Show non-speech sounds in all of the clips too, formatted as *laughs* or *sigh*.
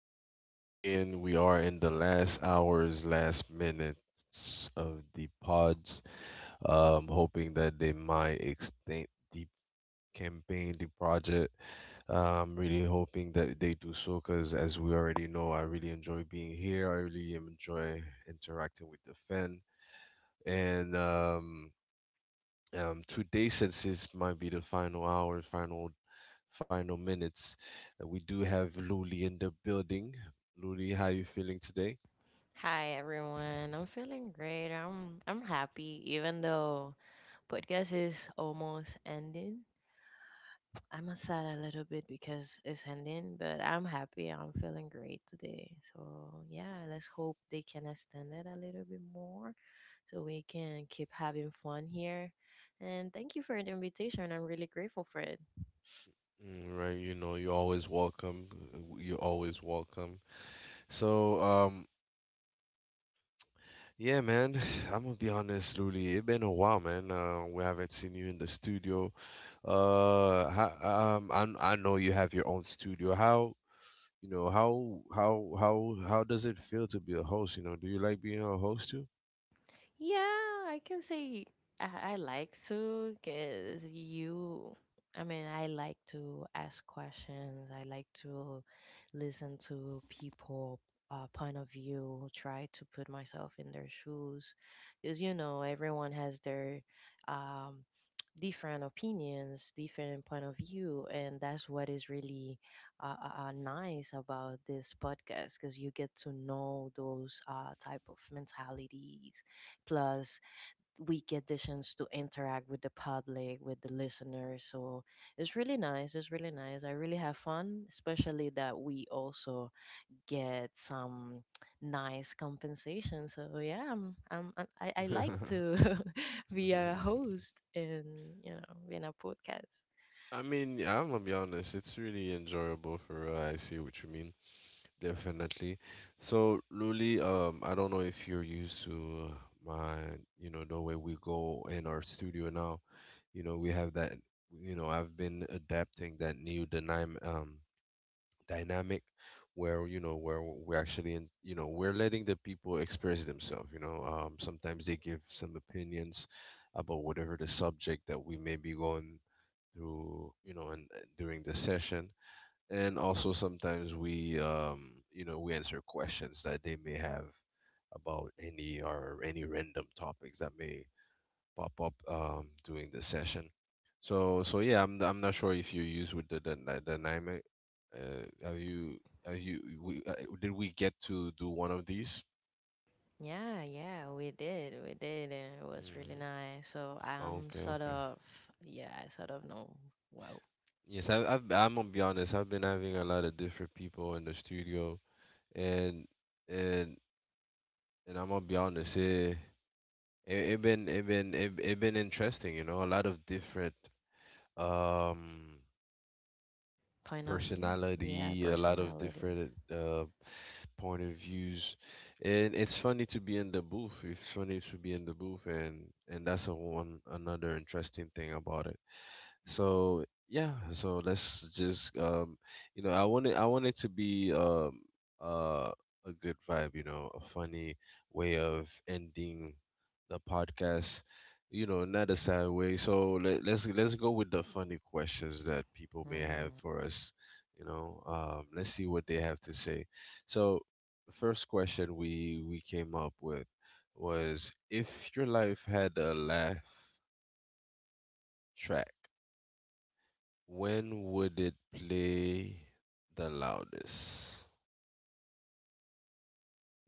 Here we go again. We are in the last hours, last minutes of the pods. Hoping that they might extend the campaign, the project. I'm really hoping that they do so because, as we already know, I really enjoy being here. I really enjoy interacting with the fan. And Today, since this might be the final hours, final minutes. We do have Luli in the building. Luli, how you feeling today? Hi everyone. I'm feeling great. I'm happy even though podcast is almost ending. I'm sad a little bit because it's ending, but I'm happy. I'm feeling great today. So, yeah, let's hope they can extend it a little bit more so we can keep having fun here. And thank you for the invitation. I'm really grateful for it. Mm, right, you know, you're always welcome. You're always welcome. So, yeah, man, *sighs* I'm gonna be honest, Luli. It's been a while, man. We haven't seen you in the studio. How, I know you have your own studio. How, you know, how does it feel to be a host? You know, do you like being a host too? Yeah, I can say I like to because you. I mean, I like to ask questions. I like to listen to people' point of view. Try to put myself in their shoes, because you know everyone has their um, different opinions, different point of view, and that's what is really nice about this podcast because you get to know those type of mentalities. Plus, we get the chance to interact with the public, with the listeners. So it's really nice. It's really nice. I really have fun, especially that we also get some nice compensation. So yeah, I like to *laughs* be a *laughs* host in, you know, in a podcast. I mean, yeah, I'm gonna be honest. It's really enjoyable for real. I see what you mean. Definitely. So, Luli, I don't know if you're used to my, you know, the way we go in our studio now. You know, we have that. You know, I've been adapting that new dynamic where you know where we're actually in. You know, we're letting the people express themselves. You know, sometimes they give some opinions about whatever the subject that we may be going through, you know, and during the session, and also sometimes we, um, you know, we answer questions that they may have about any or any random topics that may pop up, um, during the session. So yeah, I'm not sure if you use with the dynamic. Have you, have you we, uh, did we get to do one of these? Yeah, yeah, we did. We did, and it was really Mhm. nice. So I'm Okay, sort okay. of, yeah, I sort of know, wow, Yes, I'm gonna be honest. I've been having a lot of different people in the studio, and and And I'm gonna be honest, it been it been it, it been interesting, you know, a lot of different um point of view. Yeah, personality, a lot of different personalities. Point of views. And it's funny to be in the booth. It's funny to be in the booth, and that's a one another interesting thing about it. So yeah, so let's just, um, you know, I want it to be, um uh a good vibe, you know, a funny way of ending the podcast, you know, not a sad way. So let's go with the funny questions that people may have Mm, for us, you know, um, let's see what they have to say. So the first question we came up with was: if your life had a laugh track, when would it play the loudest?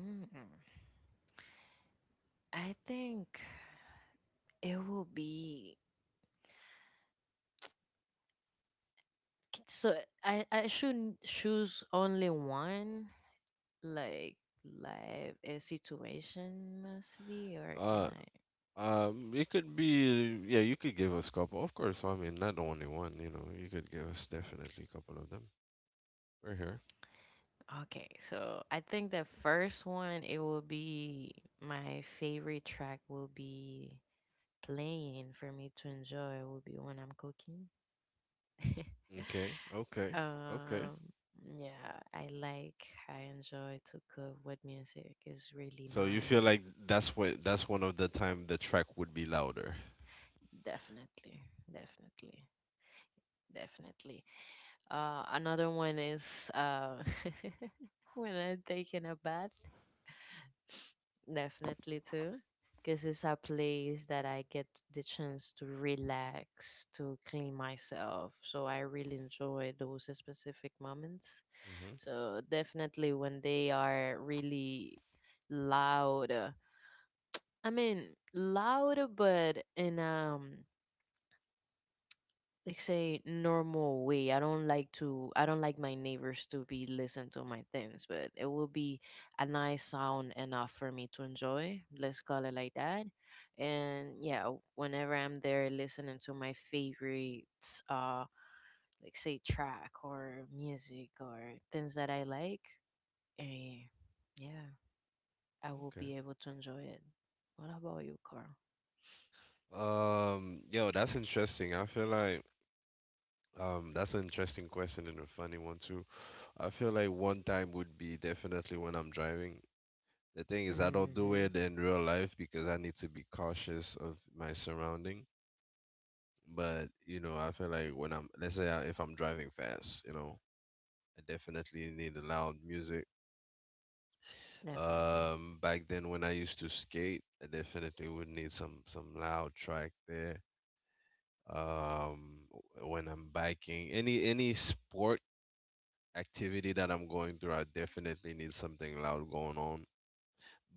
mm. I think it will be so I shouldn't choose only one, like life a situation mostly, or can Uh, I? It could be, yeah, you could give us a couple. Of course, I mean, not the only one, you know, you could give us definitely a couple of them. We're here. Okay, so I think the first one it will be, my favorite track will be playing for me to enjoy, it will be when I'm cooking. *laughs* Okay, okay, okay. Um, yeah, I like, I enjoy to cook with music. It's really So you feel nice. like that's what that's one of the time the track would be louder. Definitely, definitely, definitely. Another one is uh, *laughs* when I'm taking a bath, definitely too, because it's a place that I get the chance to relax, to clean myself. So I really enjoy those specific moments. Hmm. So definitely when they are really loud, I mean loud, but in like say normal way. I don't like my neighbors to be listen to my things, but it will be a nice sound enough for me to enjoy. Let's call it like that. And yeah, whenever I'm there listening to my favorite uh like say track or music or things that I like, eh, yeah, I will Okay. be able to enjoy it. What about you, Carl? Yo, that's interesting. I feel like, um, that's an interesting question and a funny one too. I feel like one time would be definitely when I'm driving. The thing is, I don't do Mhm. it in real life because I need to be cautious of my surrounding. But you know, I feel like when I'm, let's say, if I'm driving fast, you know, I definitely need the loud music. Definitely. Back then when I used to skate, I definitely would need some loud track there. When I'm biking, any sport activity that I'm going through, I definitely need something loud going on.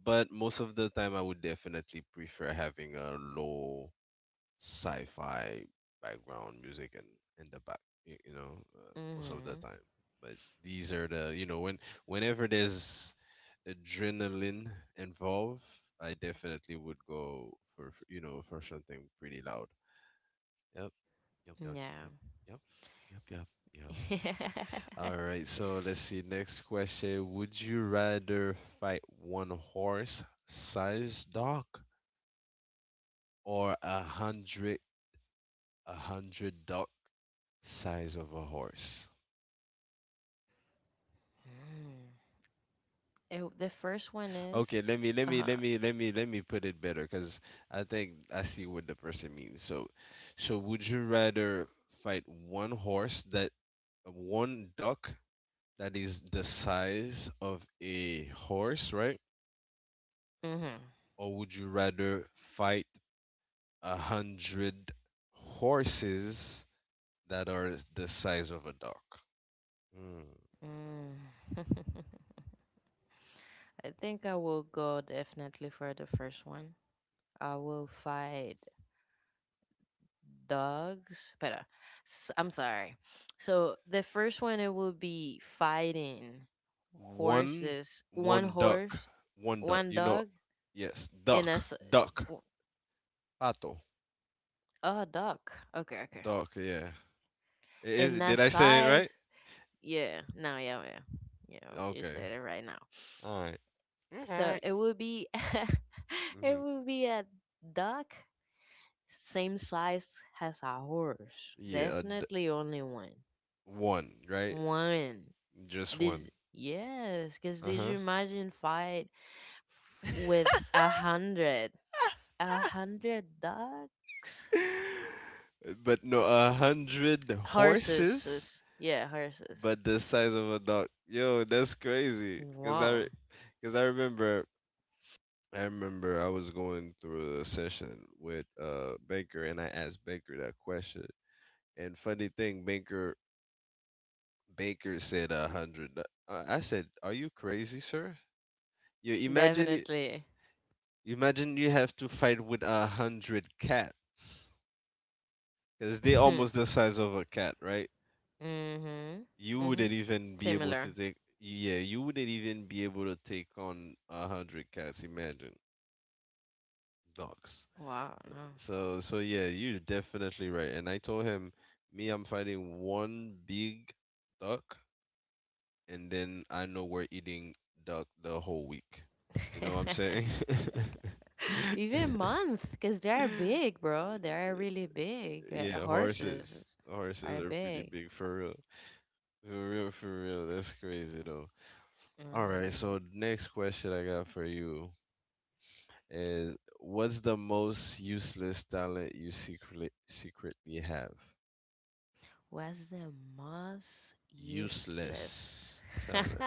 But most of the time, I would definitely prefer having a low sci-fi background music and in the back, you know, most of the Mhm. time. But these are the, you know, whenever there's adrenaline involved, I definitely would go for, you know, for something pretty loud. Yep, yep, yep, Yeah. yep, yep, yep, yep, yep. *laughs* All right, so let's see. Next question: would you rather fight one horse-sized dog or a hundred dog? Size of a horse. Mm. It, the first one Okay, is uh let me put it better because I think I see what the person means. So, so would you rather fight one duck that is the size of a horse, right? mm-hmm. Or would you rather fight a hundred horses that are the size of a duck? Mm. Mm. *laughs* I think I will go definitely for the first one. I will fight dogs, but I'm sorry. So the first one it will be fighting One horses, one one duck, horse, one duck. one You know, dog, yes, and a duck, s- duck. w- Pato. oh, a dog. Okay, okay. Duck, yeah. In Is, that did I say it size, right? yeah. No, yeah, yeah. Yeah, you Okay. said it right now. All right. All So right. it would be *laughs* it Mm-hmm. would be a duck same size as a horse. Yeah, Definitely only one. one, right? One. Just one. Did, yes, cause did Uh-huh. you imagine fight with *laughs* 100? 100 ducks? But no, a hundred Horses. horses, Yeah, horses. but the size of a dog. Yo, that's crazy. Wow. Cause I remember, I remember I was going through a session with Baker, and I asked Baker that question. And funny thing, Baker said a hundred. I said, "Are you crazy, sir? You imagine, Definitely. imagine you have to fight with a hundred cats, because *laughs* they're Mm-hmm. almost the size of a cat, right? You wouldn't Mm-hmm. even be able to Similar. take. Yeah, you wouldn't even be able to take on a hundred cats. Imagine dogs. Wow, no. So, yeah, you're definitely right. And I told him, me, I'm fighting one big duck, and then I know we're eating duck the whole week. You know what I'm saying? *laughs* Even month, because they're *laughs* big, bro. They're really big. Yeah, Horses horses. Horses are are pretty big. big for real. For real, for real. That's crazy though. Oh, All that's right, great. so next question I got for you is: what's the most useless talent you secretly have? What's the most useless, Useless talent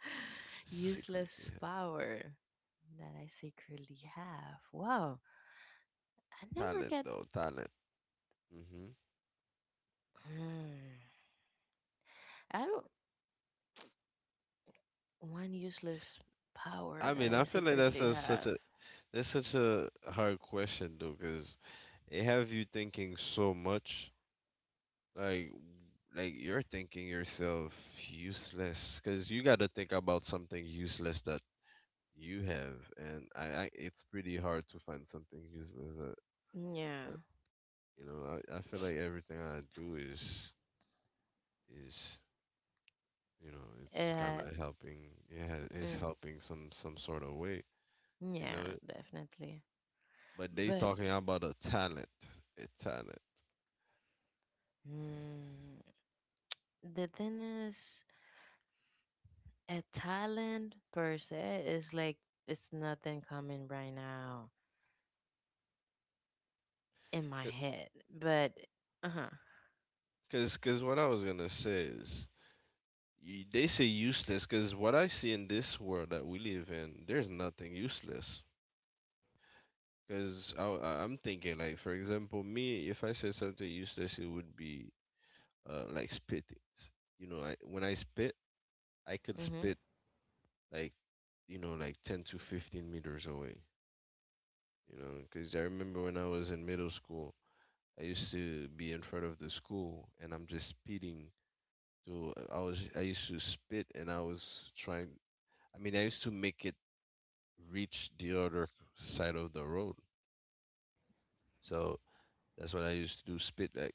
*laughs* useless secretly power that I secretly have? Wow, I have. never Talent get. though, talent. Mm-hmm. Hmm. I don't. One useless power I that mean, I I feel like that's secretly a, such have. a, that's such a hard question though, because it have you thinking so much, like like you're thinking yourself useless, because you got to think about something useless that you have, and I it's pretty hard to find something useless that, Yeah. that you know. I feel like everything I do is, you know, it's kind Uh. of helping. Yeah, it's Mm, helping some sort of way. You yeah. know, Definitely. but they But talking about a talent, a talent. mm, the thing is, a talent per se is like, it's nothing coming right now in my head. But uh huh, Cause what I was gonna say is, you, they say useless. Cause what I see in this world that we live in, there's nothing useless. I'm thinking like, for example, me, if I said something useless, it would be like spitting. You know, I when I spit, I could mhm, spit like, you know, like 10 to 15 meters away. You know, cause I remember when I was in middle school, I used to be in front of the school, and I'm just spitting. So, I used to spit and I was trying, I mean I used to make it reach the other side of the road. So that's what I used to do, spit like.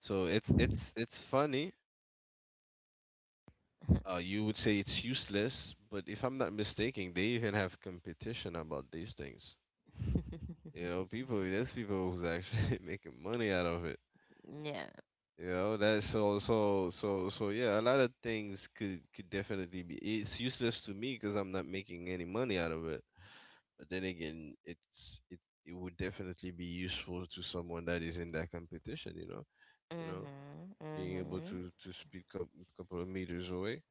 So it's it's funny. You would say it's useless, but if I'm not mistaken, they even have competition about these things. You know, people there's people who's actually *laughs* making money out of it. *laughs* yeah, You know, that's so so so so yeah, a lot of things could definitely be, it's useless to me because I'm not making any money out of it. But then again, it would definitely be useful to someone that is in that competition. You know, mhm, being able mhm, to speed a couple of meters away.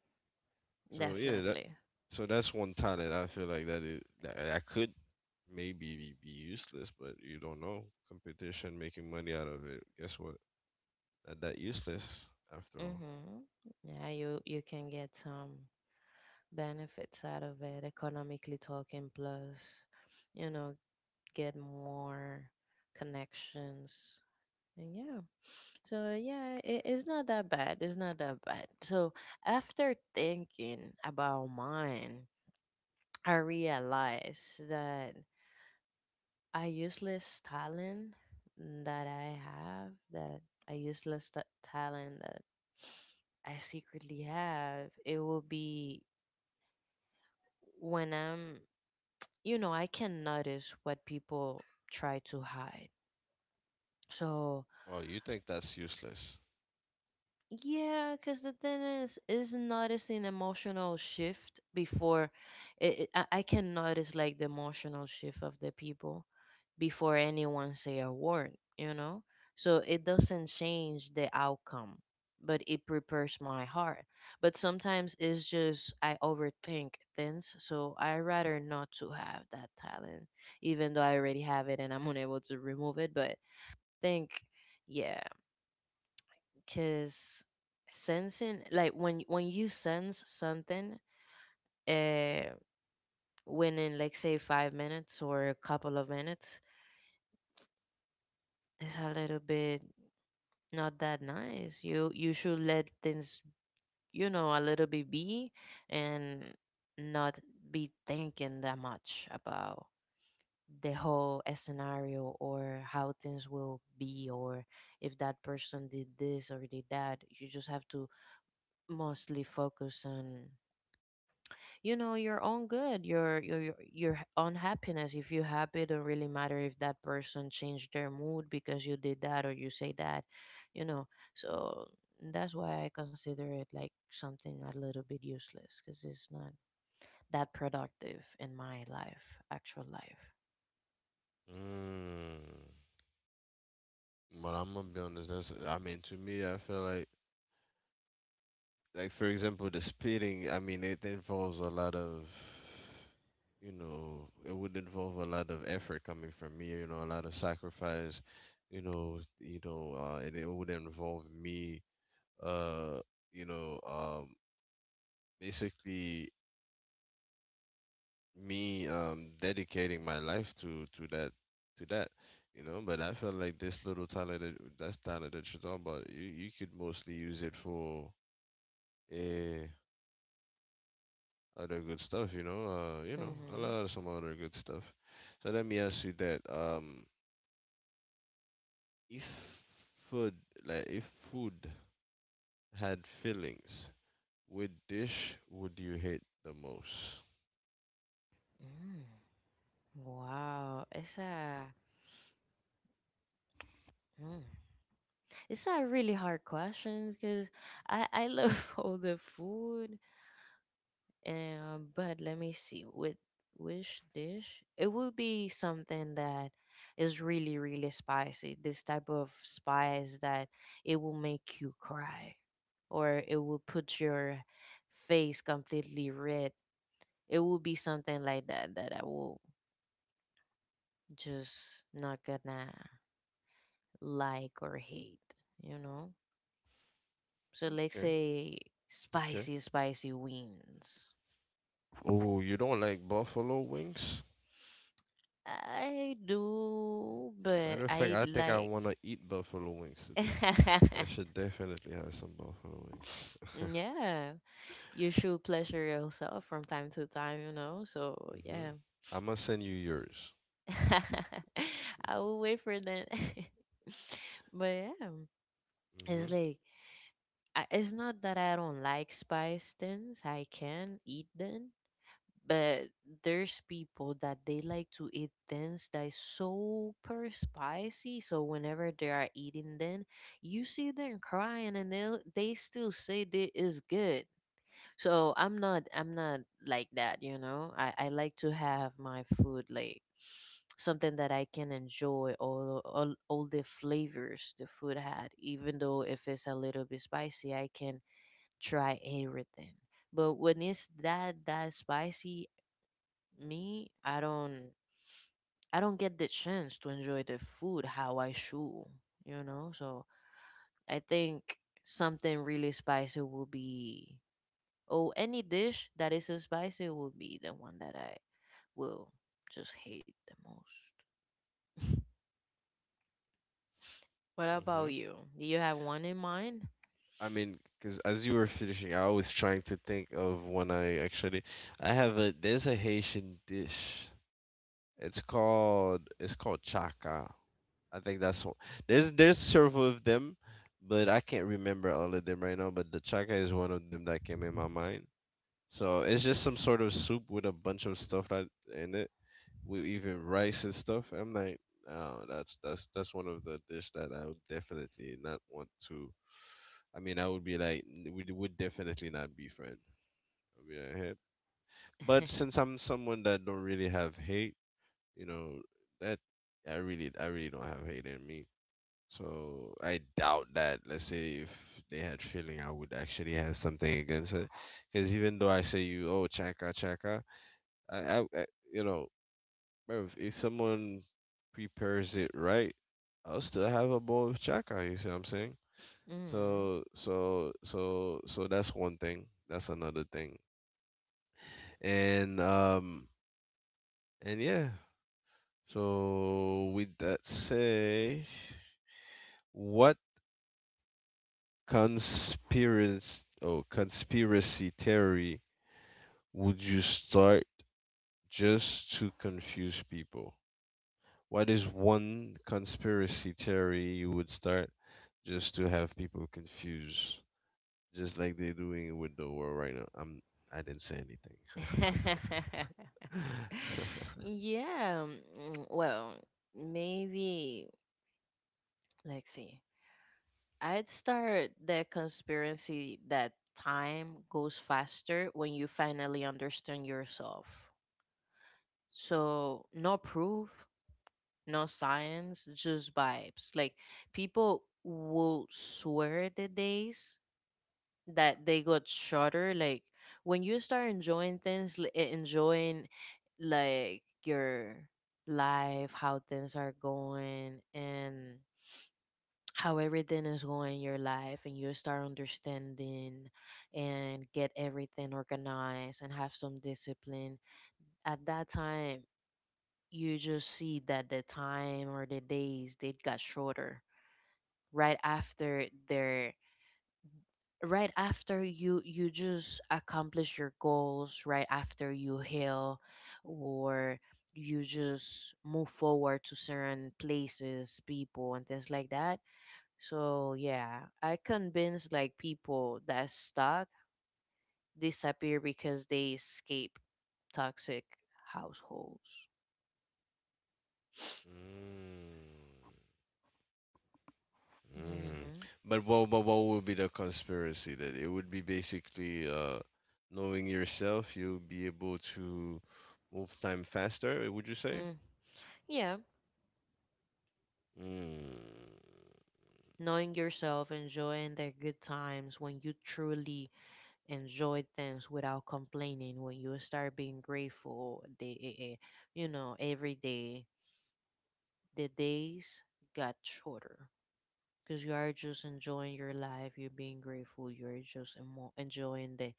So yeah, that definitely, so that's one talent I feel like that is that, that could maybe be useless, but you don't know. Competition, making money out of it. Guess what? Not that useless after all. mhm, yeah. You can get some benefits out of it economically talking. Plus, you know, get more connections, and yeah. So yeah, it, it's not that bad. It's not that bad. So after thinking about mine, I realized that a useless talent that I have, that a useless t- talent that I secretly have, it will be when I'm, you know, I can notice what people try to hide. So Oh, you think that's useless? yeah, because the thing is notice an emotional shift before I can notice like the emotional shift of the people before anyone say a word, you know? So it doesn't change the outcome, but it prepares my heart. But sometimes it's just I overthink things, so I rather not to have that talent, even though I already have it and I'm unable to remove it. But think, yeah, because sensing like when you sense something uh within like say 5 minutes or a couple of minutes, it's a little bit not that nice. You should let things, you know, a little bit be, and not be thinking that much about the whole scenario or how things will be, or if that person did this or did that. You just have to mostly focus on, you know, your own good, your own happiness. If you're happy, it don't really matter if that person changed their mood because you did that or you say that, you know. So that's why I consider it like something a little bit useless, because it's not that productive in my life, actual life. Mm. But I'm gonna be honest. That's, I mean to me, I feel like for example the spitting, I mean it involves a lot of, you know, it would involve a lot of effort coming from me, you know, a lot of sacrifice, you know, and it would involve me, uh, you know, um, basically me, um, dedicating my life to that, to that, you know. But I feel like this little talent that that's talent that you're talking about, you could mostly use it for, eh, other good stuff, you know, a Mm-hmm. lot of some other good stuff. So let me ask you that, if food, like if food had feelings, which dish would you hate the most? Mm. Wow, it's a mm. It's a really hard question because I love *laughs* all the food. But let me see. With which dish? It would be something that is really, really spicy. This type of spice that it will make you cry, or it will put your face completely red. It will be something like that that I will just not gonna like or hate. You know. So let's Okay, say okay. spicy, spicy wings. Oh, you don't like buffalo wings? I do, but Matter of fact, I I think I like. wanna eat buffalo wings today. I *laughs* should definitely have some buffalo wings. Yeah, you should pleasure yourself from time to time, you know. So Hmm. yeah, I'm gonna send you yours. *laughs* I will wait for that. *laughs* But yeah, it's like I, it's not that I don't like spice things. I can eat them, but there's people that they like to eat things that is super spicy. So whenever they are eating them, you see them crying and they still say they is good. So I'm not like that, you know. I like to have my food like something that I can enjoy all, all the flavors the food had. Even though if it's a little bit spicy, I can try everything. But when it's that spicy, me, I don't get the chance to enjoy the food how I should, you know. So I think something really spicy will be, oh, any dish that is so spicy will be the one that I will just hate the most. What Mm-hmm. about you? Do you have one in mind? *laughs* I mean, because as you were finishing, I was trying to think of when I actually, I have a there's a Haitian dish. It's called chaka. I think that's one. There's several of them, but I can't remember all of them right now. But the chaka is one of them that came in my mind. So it's just some sort of soup with a bunch of stuff that in it, with even rice and stuff. I'm like, oh, that's one of the dish that I would definitely not want to. I mean, I would be like, would definitely not be friends. I'd be like, "Hey." But since I'm someone that don't really have hate, you know, that I really don't have hate in me. So I doubt that. Let's say if they had feeling, I would actually have something against it. Because even though I say you, oh chaka chaka, I you know, bruv, if someone prepares it right, I'll still have a bowl of chaka. You see what I'm saying? Mm. So that's one thing. That's another thing. And um and yeah. So with that say, what conspiracy theory would you start just to confuse people? What is one conspiracy theory you would start just to have people confused? Just like they're doing with the world right now. I didn't say anything. *laughs* *laughs* Yeah. Mm, well, maybe let's see. I'd start the conspiracy that time goes faster when you finally understand yourself. So, no proof, no science, just vibes. Like people will swear the days that they got shorter. Like when you start enjoying things, enjoying like your life, how things are going, and how everything is going in your life, and you start understanding and get everything organized and have some discipline. At that time, you just see that the time or the days they got shorter right after their, right after you just accomplish your goals, right after you heal, or you just move forward to certain places, people and things like that. So yeah, I convince like people that stuck disappear because they escape toxic households. Mm, mm. Hmm. But what would be the conspiracy that it would be basically knowing yourself, you'll be able to move time faster, would you say? Mm. Yeah, Mm, knowing yourself, enjoying the good times when you truly enjoy things without complaining, when you start being grateful, they, you know, every day, the days got shorter because you are just enjoying your life, you're being grateful, you're just enjoying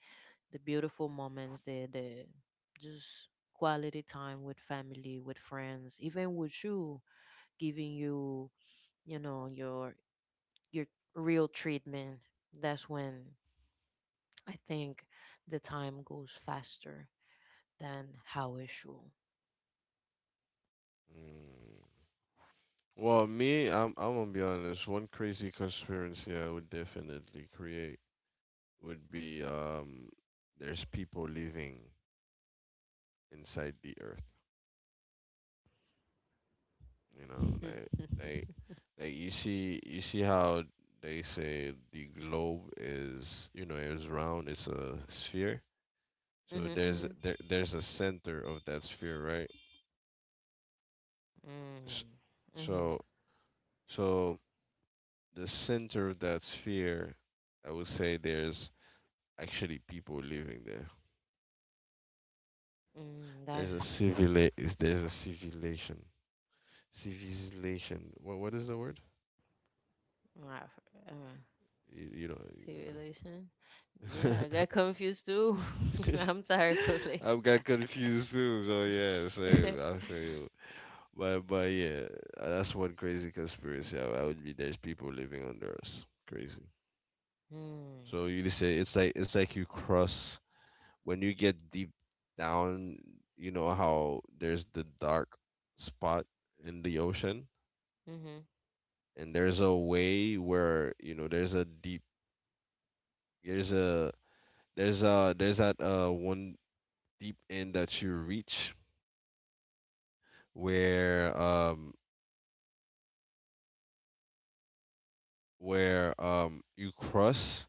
the beautiful moments, the just quality time with family, with friends, even with you, giving you, you know, your real treatment. That's when I think the time goes faster than how it should. mm. Well, me, I'm gonna be honest. One crazy conspiracy I would definitely create would be there's people living inside the earth. You know, like, like *laughs* Like you see, how they say the globe is, you know, it's round. It's a sphere. Mm-hmm, So there's mm-hmm. there, there's a center of that sphere, right? S- Hmm hmm mm mm hmm. So so the center of that sphere, I would say there's actually people living there. Mm, There's that's a civil is there's a civilization. Civilization. What is the word? not, uh, You know. see relation. You know. Yeah, *laughs* I got confused too. *laughs* *laughs* I'm sorry, public. I've got confused too, so yeah, *laughs* Mm, same. I feel, but yeah, that's one crazy conspiracy. I would be there's people living under us, crazy. mm-hmm, So you just say it's like you cross when you get deep down. You know how there's the dark spot in the ocean, and there's a way where you know there's a deep there's a there's a there's that one deep end that you reach where where you cross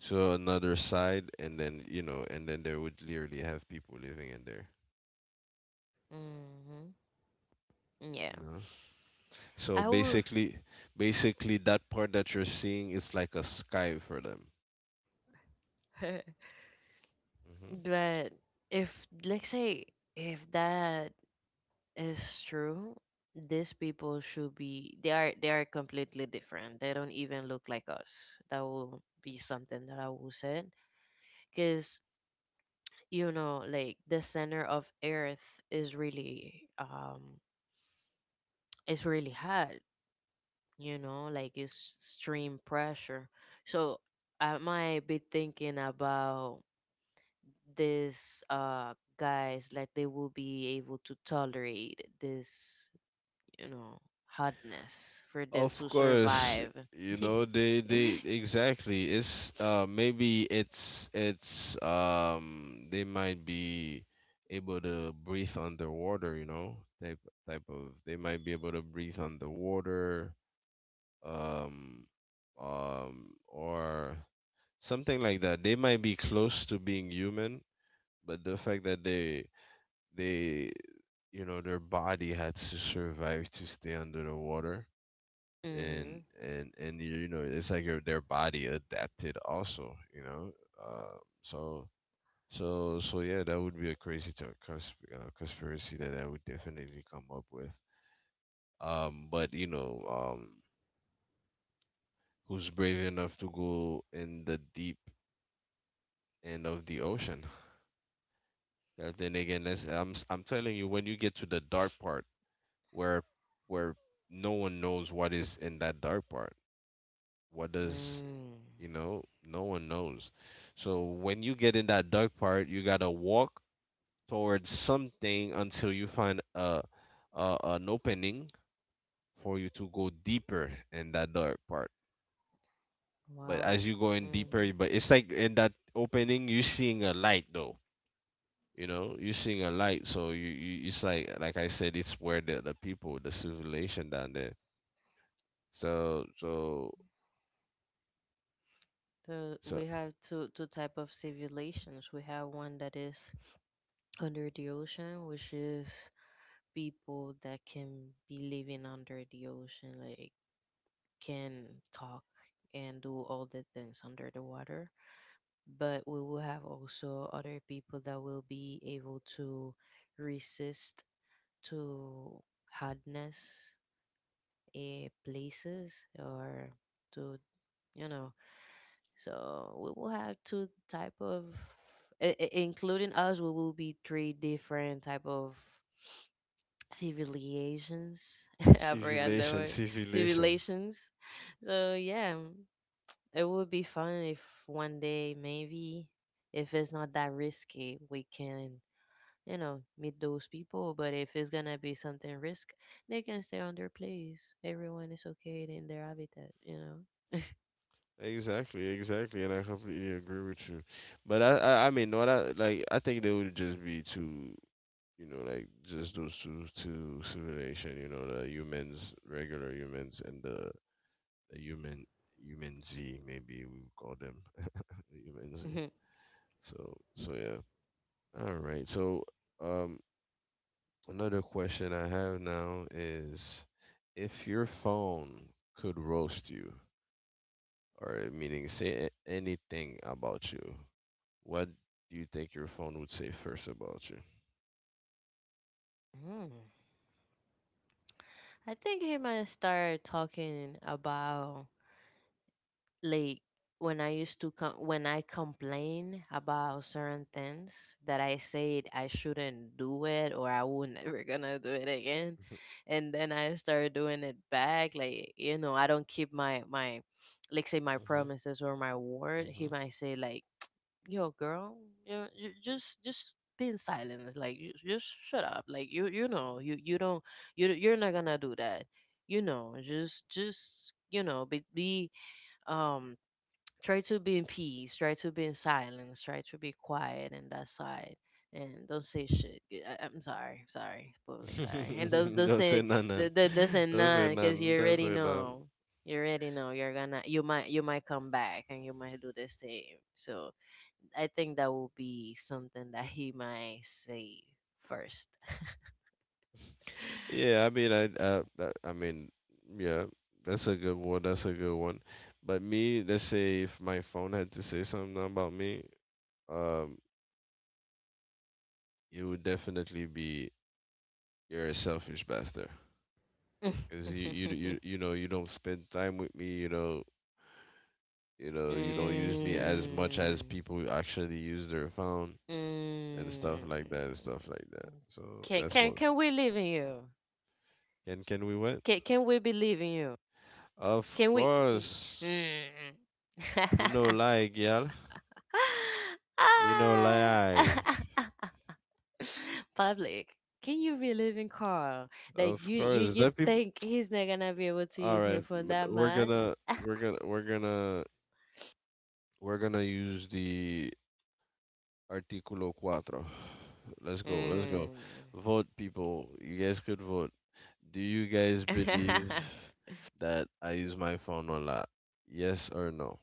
to another side, and then there would literally have people living in there, mm-hmm. Yeah, you know. So I will. basically, basically that part that you're seeing is like a sky for them. *laughs* hmm But if let's say if that, it's true. These people should be, they are completely different. They don't even look like us. That will be something that I will say. Cause you know, like the center of Earth is really it's really hot, you know, like it's extreme pressure. So I might be thinking about these guys like they will be able to tolerate this, you know, hardness for them of to course, survive. *laughs* you know, they exactly, it's maybe it's they might be able to breathe underwater, you know, type type of they might be able to breathe underwater, um, or something like that. They might be close to being human, but the fact that they you know their body had to survive to stay under the water, Mm-hmm. and you know it's like your their body adapted also, you know, um so so yeah, that would be a crazy conspiracy that I would definitely come up with. But you know, who's brave enough to go in the deep and of the ocean. 'Cause then again, that's, I'm telling you, when you get to the dark part, where where no one knows what is in that dark part, what does, Mm. you know? No one knows. So when you get in that dark part, you gotta walk towards something until you find a an opening for you to go deeper in that dark part. But Wow. as you go in Mm-hmm. deeper, but it's like in that opening, you're seeing a light, though. You know, you're seeing a light, so you, it's like I said, it's where the people, the civilization down there. So so So so, we have two type of civilizations. We have one that is under the ocean, which is people that can be living under the ocean, like can talk and do all the things under the water. But we will have also other people that will be able to resist to hardness places or to you know so we will have two type of including us we will be three different type of civilizations *laughs* I forgot the word civilization, civilizations. So yeah, it would be fun if one day maybe if it's not that risky we can meet those people. But if it's gonna be something risk, they can stay on their place. Everyone is okay in their habitat. exactly, exactly, and I completely agree with you. But I mean, what I like I think they would just be too, you know, like just those two civilization, you know, the humans, regular humans, and the human z, maybe we would call them. *laughs* The human z. *laughs* So so yeah, all right. So um, another question I have now is, if your phone could roast you, or meaning say a- anything about you, what do you think your phone would say first about you? Mm. I think he might start talking about, like, when I used to com- when I complain about certain things that I said I shouldn't do it or I would *laughs* never gonna do it again, and then I start doing it back. Like, I don't keep my like, say, my Mhm, promises or my mhm, word. He mhm. might say like, "Yo, girl, you just." Be in silence, like, you just shut up, like, you know, you don't, you're not gonna do that, just be um try to be in peace, try to be in silence, try to be quiet in that side. And don't say shit. I'm sorry public, sorry. And don't *laughs* don't Don't say say none, none. Don't say Don't say none because you none. Don't already say none. know, you're gonna you might come back and you might do the same. So I think that will be something that he might say first. Yeah, I mean, yeah, that's a good one. That's a good one. But me, let's say if my phone had to say something about me, um, it would definitely be, you're a selfish bastard, *laughs* Mm, because you know you don't spend time with me, you know, you don't use me as much as people who actually use their phone and stuff mm. like that, and stuff like that. So can that's can what, can we live in you? can we win? Can we believe in you? Of Can we? Course, Mm. you know, *laughs* lie, girl. You know, Ah. lie. *laughs* Public, can you believe in Carl? That Of you you course, you the people. think he's not gonna be able to All use her right, phone but that much? We're gonna use the Artículo cuatro. Let's go, let's go. Mm. Vote, people. You guys could vote. Do you guys believe *laughs* that I use my phone a lot? Yes or no?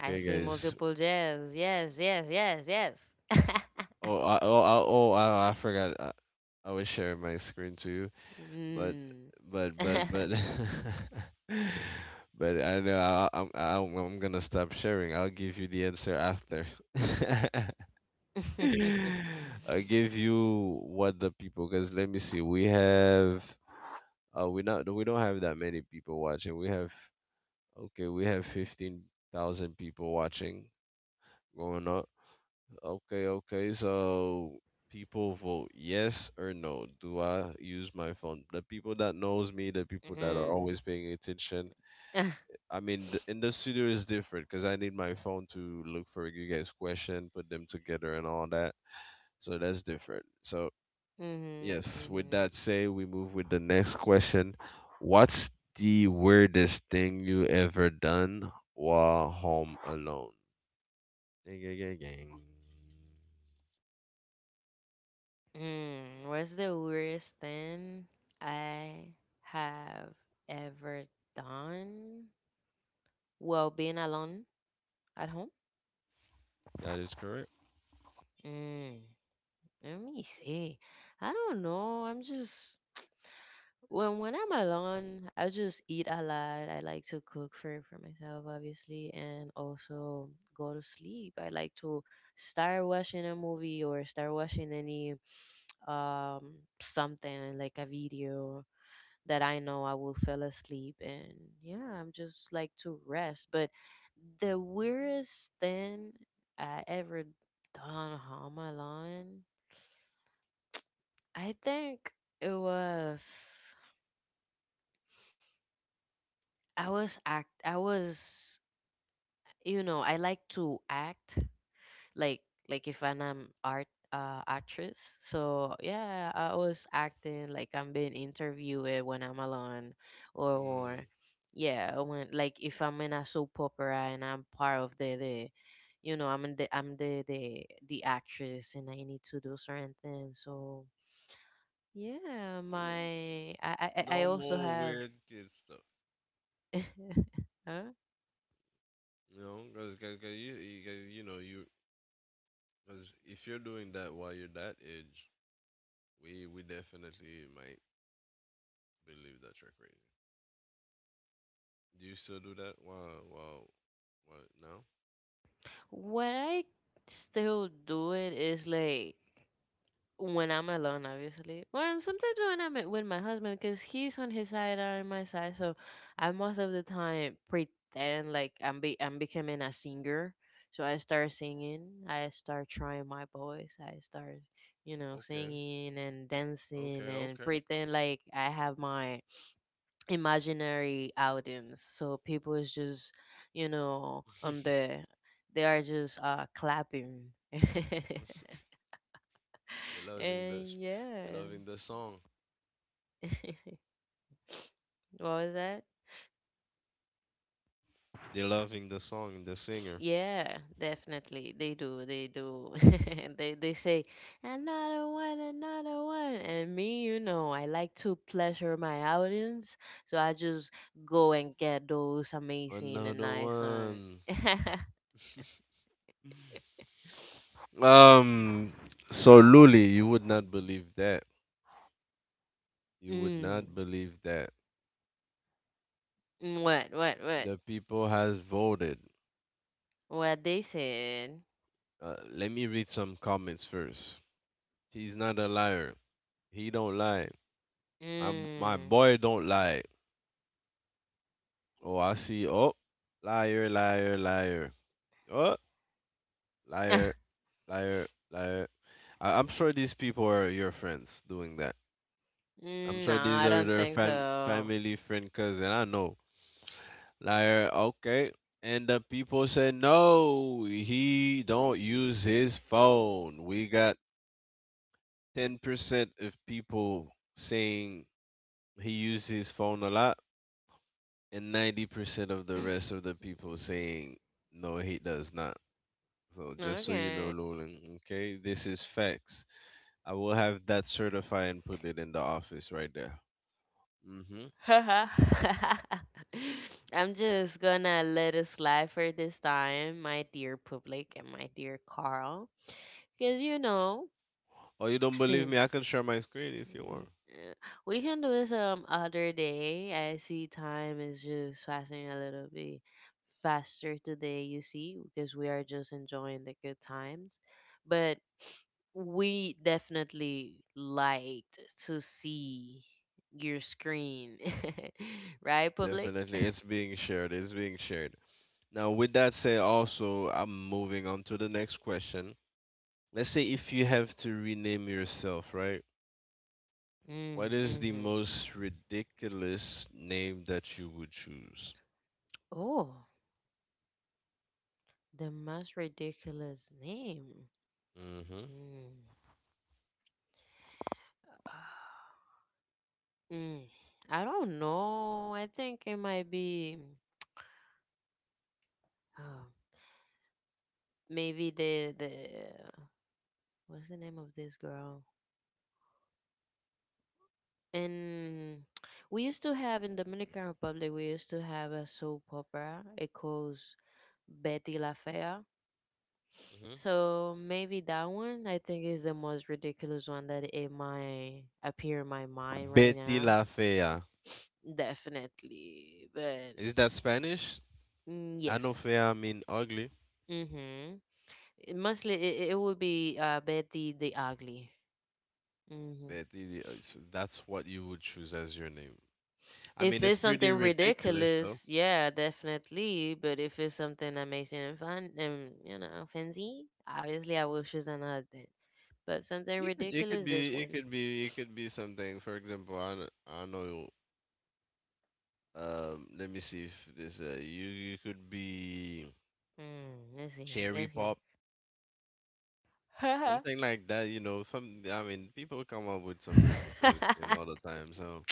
I see guys. multiple yes, yes, yes, yes, yes. *laughs* Oh, I forgot. I was sharing my screen to you, but, Mm. but, but, but, *laughs* but I know I'm gonna stop sharing. I'll give you the answer after. *laughs* *laughs* *laughs* I'll give you what the people, because let me see. We have we don't have that many people watching. We have Okay, we have 15,000 people watching, going up. Okay, okay. So, people vote yes or no. Do I use my phone? The people that knows me, the people that are Mm. always paying attention. *laughs* I mean, th- in the studio is different because I need my phone to look for you guys' question, put them together, and all that. So that's different. So yes, with Mm-hmm. that say, we move with the next question. What's the weirdest thing you ever done while home alone? Ding, ding, ding, ding. Hmm. What's the weirdest thing I have ever done while being alone at home? That is correct. Mm, let me see. I don't know. I'm just When I'm alone, I just eat a lot. I like to cook for myself, obviously, and also go to sleep. I like to start watching a movie or start watching any um something like a video that I know I will fall asleep. And yeah, I'm just like to rest. But the weirdest thing I ever done on my line, I think it was, I was act I was I like to act, like like, if I'm an art actress. So yeah, I was acting like I'm being interviewed when I'm alone, Mm, or yeah, when, like, if I'm in a soap opera and I'm part of the, I'm the actress and I need to do certain things. So yeah, my yeah. I also Normal have. weird kid stuff. *laughs* Huh? You know, because cause, 'cause- 'cause you, 'cause, you know, you, because if you're doing that while you're that age, we definitely might believe that you're crazy. Do you still do that? Wow, wow, what? No? What I still do it is, like, when I'm alone, obviously. Well, sometimes when I'm with my husband, because he's on his side, I'm on my side, so I most of the time pretend like I'm becoming a singer. So I start singing, I start trying my voice, I start, Okay, singing and dancing and okay, pretend like I have my imaginary audience. So people is just, on okay. They are just clapping. *laughs* *laughs* They're loving this. And They're yeah. loving the song. *laughs* What was that? They're loving the song and the singer. Yeah, definitely. They do. They do. *laughs* And they say, "Another one, another one." And me, I like to pleasure my audience, so I just go and get those amazing and Another nice one. one. *laughs* Um. So Luli, you would not believe that. You would Mm. not believe that. Mm, what? What? What? The people has voted. What they said? Let me read some comments first. He's not a liar. He don't lie. My b- my Mm. boy don't lie. Oh, I see. Oh, liar, liar, liar. Oh, *laughs* liar, Ah, liar, liar. I, I'm sure these people are your friends doing that. I'm mm, no, sure these I are don't their think fam- so. family, friend, cousin. I know. Like, okay. And the people say no, he don't use his phone. We got 10% of people saying he uses his phone a lot, and 90% *laughs* of the rest of the people saying, no, he does not. So just so you know, Okay. Lolan, okay, this is facts. I will have that certified and put it in the office right there. Hmm. *laughs* I'm just gonna let it slide for this time, my dear public and my dear Carl. Because, Oh, you don't believe me? I since can share my screen if you Mm, want. eh, we can do it some other day. I see time is just passing a little bit faster today, you see, because we are just enjoying the good times. But we definitely liked to see your screen, *laughs* right, public? Definitely, it's being shared. It's being shared. Now, with that said, also, I'm moving on to the next question. Let's say if you have to rename yourself, right? What Mm, is the hmm. most ridiculous name that you would choose? Oh, the most ridiculous name. Mm-hmm. Mm. *sighs* Mm, I don't know. I think it might be uh, maybe the what's the name of this girl? And we used to have, in Dominican Republic, we used to have a soap opera. It calls Betty La Fea. Hmm. So maybe that one, I think, is the most ridiculous one that it might appear in my mind right Betty now. La Fea. Definitely. But Is that Spanish? mm, I know yes. fea mean ugly. Mm-hmm. It would be Betty the Ugly. Hmm. Betty, so that's what you would choose as your name. I If mean, it's it's pretty something ridiculous. ridiculous, yeah, definitely. But if it's something amazing and fun and, fancy, obviously I will choose another thing. But something It could ridiculous, this be, it one. could be, it could be something. For example, I do, I know. Let me see if this. You, you could be Mm, let's see. cherry Let's hear. pop, something *laughs* like that. You know, some. I mean, people come up with some ridiculous name all the time. So,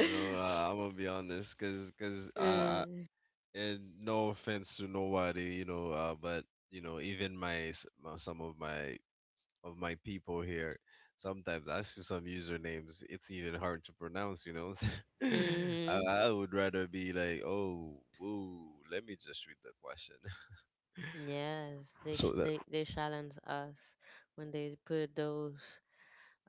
you know, I'm gonna be honest, cause cause Mm, I and no offense to nobody, you know, but you know, even my, some of my, of my people here. Sometimes I see some usernames; it's even hard to pronounce. You know. *laughs* Mhm. I would rather be like, "Oh, whoa, let me just read the question." *laughs* Yes, they So sh- that, they they challenge us when they put those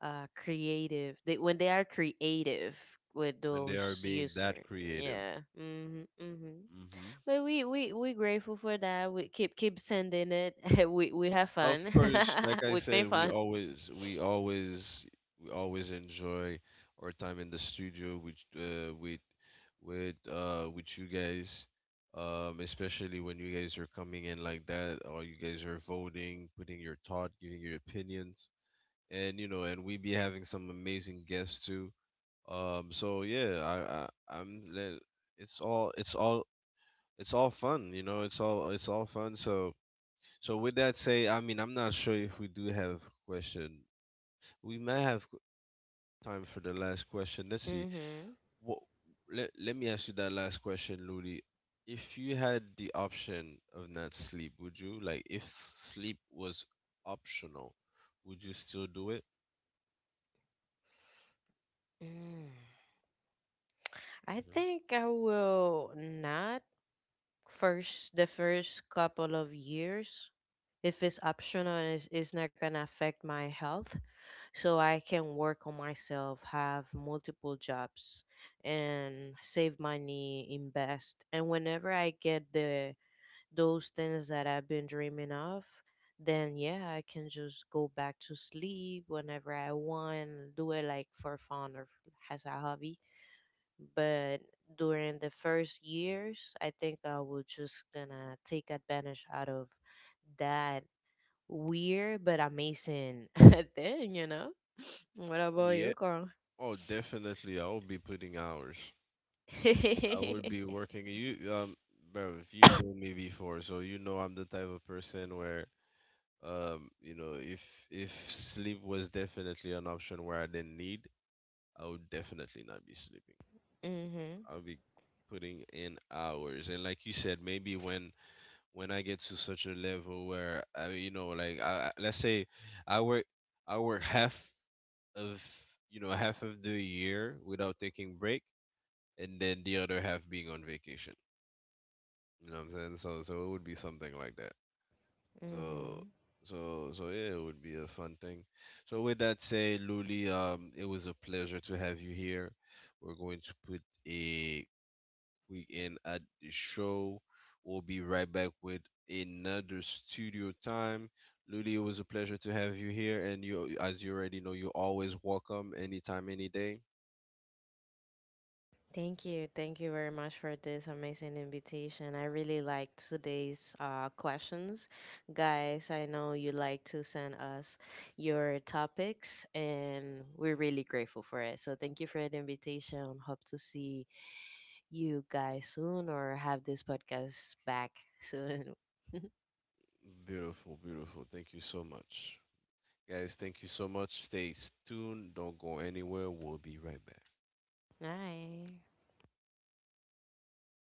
creative, they when they are creative with when they are those being that user, creative. yeah, mm-hmm, mm-hmm. Hmm. But we grateful for that. We keep sending it. *laughs* We have Of fun. course, like *laughs* I We said, make we fun. always, we always enjoy our time in the studio with with, with you guys. Especially when you guys are coming in like that, or you guys are voting, putting your thought, giving your opinions, and you know, and we be having some amazing guests too. So yeah, I'm le- it's all, it's all fun. You know, it's all fun. So so with that say, I mean, I'm not sure if we do have question. We may have time for the last question. Let's see. Mm-hmm. What, let, let me ask you that last question, Ludi. If you had the option of not sleep, would you? Like, if sleep was optional, would you still do it? Mm. I Hmm. think I will not. First The first couple of years, if it's optional and it's not gonna affect my health, so I can work on myself, have multiple jobs, and save money, invest. And whenever I get the those things that I've been dreaming of, then yeah, I can just go back to sleep whenever I want, do it like for fun or as a hobby. But during the first years, I think I was just gonna take advantage out of that weird but amazing *laughs* thing, you know? What about you, Yeah. Carl? Oh, definitely. I would be putting hours. I would *laughs* be working. You, bro, if you know me before, so you know I'm the type of person where um, you know, if sleep was definitely an option where I didn't need, I would definitely not be sleeping. Mhm. I'll be putting in hours. And like you said, maybe when I get to such a level where I, you know, like I- let's say I work, half of, you know, half of the year without taking break, and then the other half being on vacation. You know what I'm saying? So so it would be something like that. So Mhm. so so yeah, it would be a fun thing. So with that said, Luli, it was a pleasure to have you here. We're going to put a quick end at the show. We'll be right back with another studio time. Luli, it was a pleasure to have you here, and you, as you already know, you're always welcome anytime, any day. Thank you. Thank you very much for this amazing invitation. I really liked today's questions. Guys, I know you like to send us your topics and we're really grateful for it. So thank you for the invitation. Hope to see you guys soon or have this podcast back soon. *laughs* Beautiful, beautiful. Thank you so much. Guys, thank you so much. Stay tuned. Don't go anywhere. We'll be right back. Bye.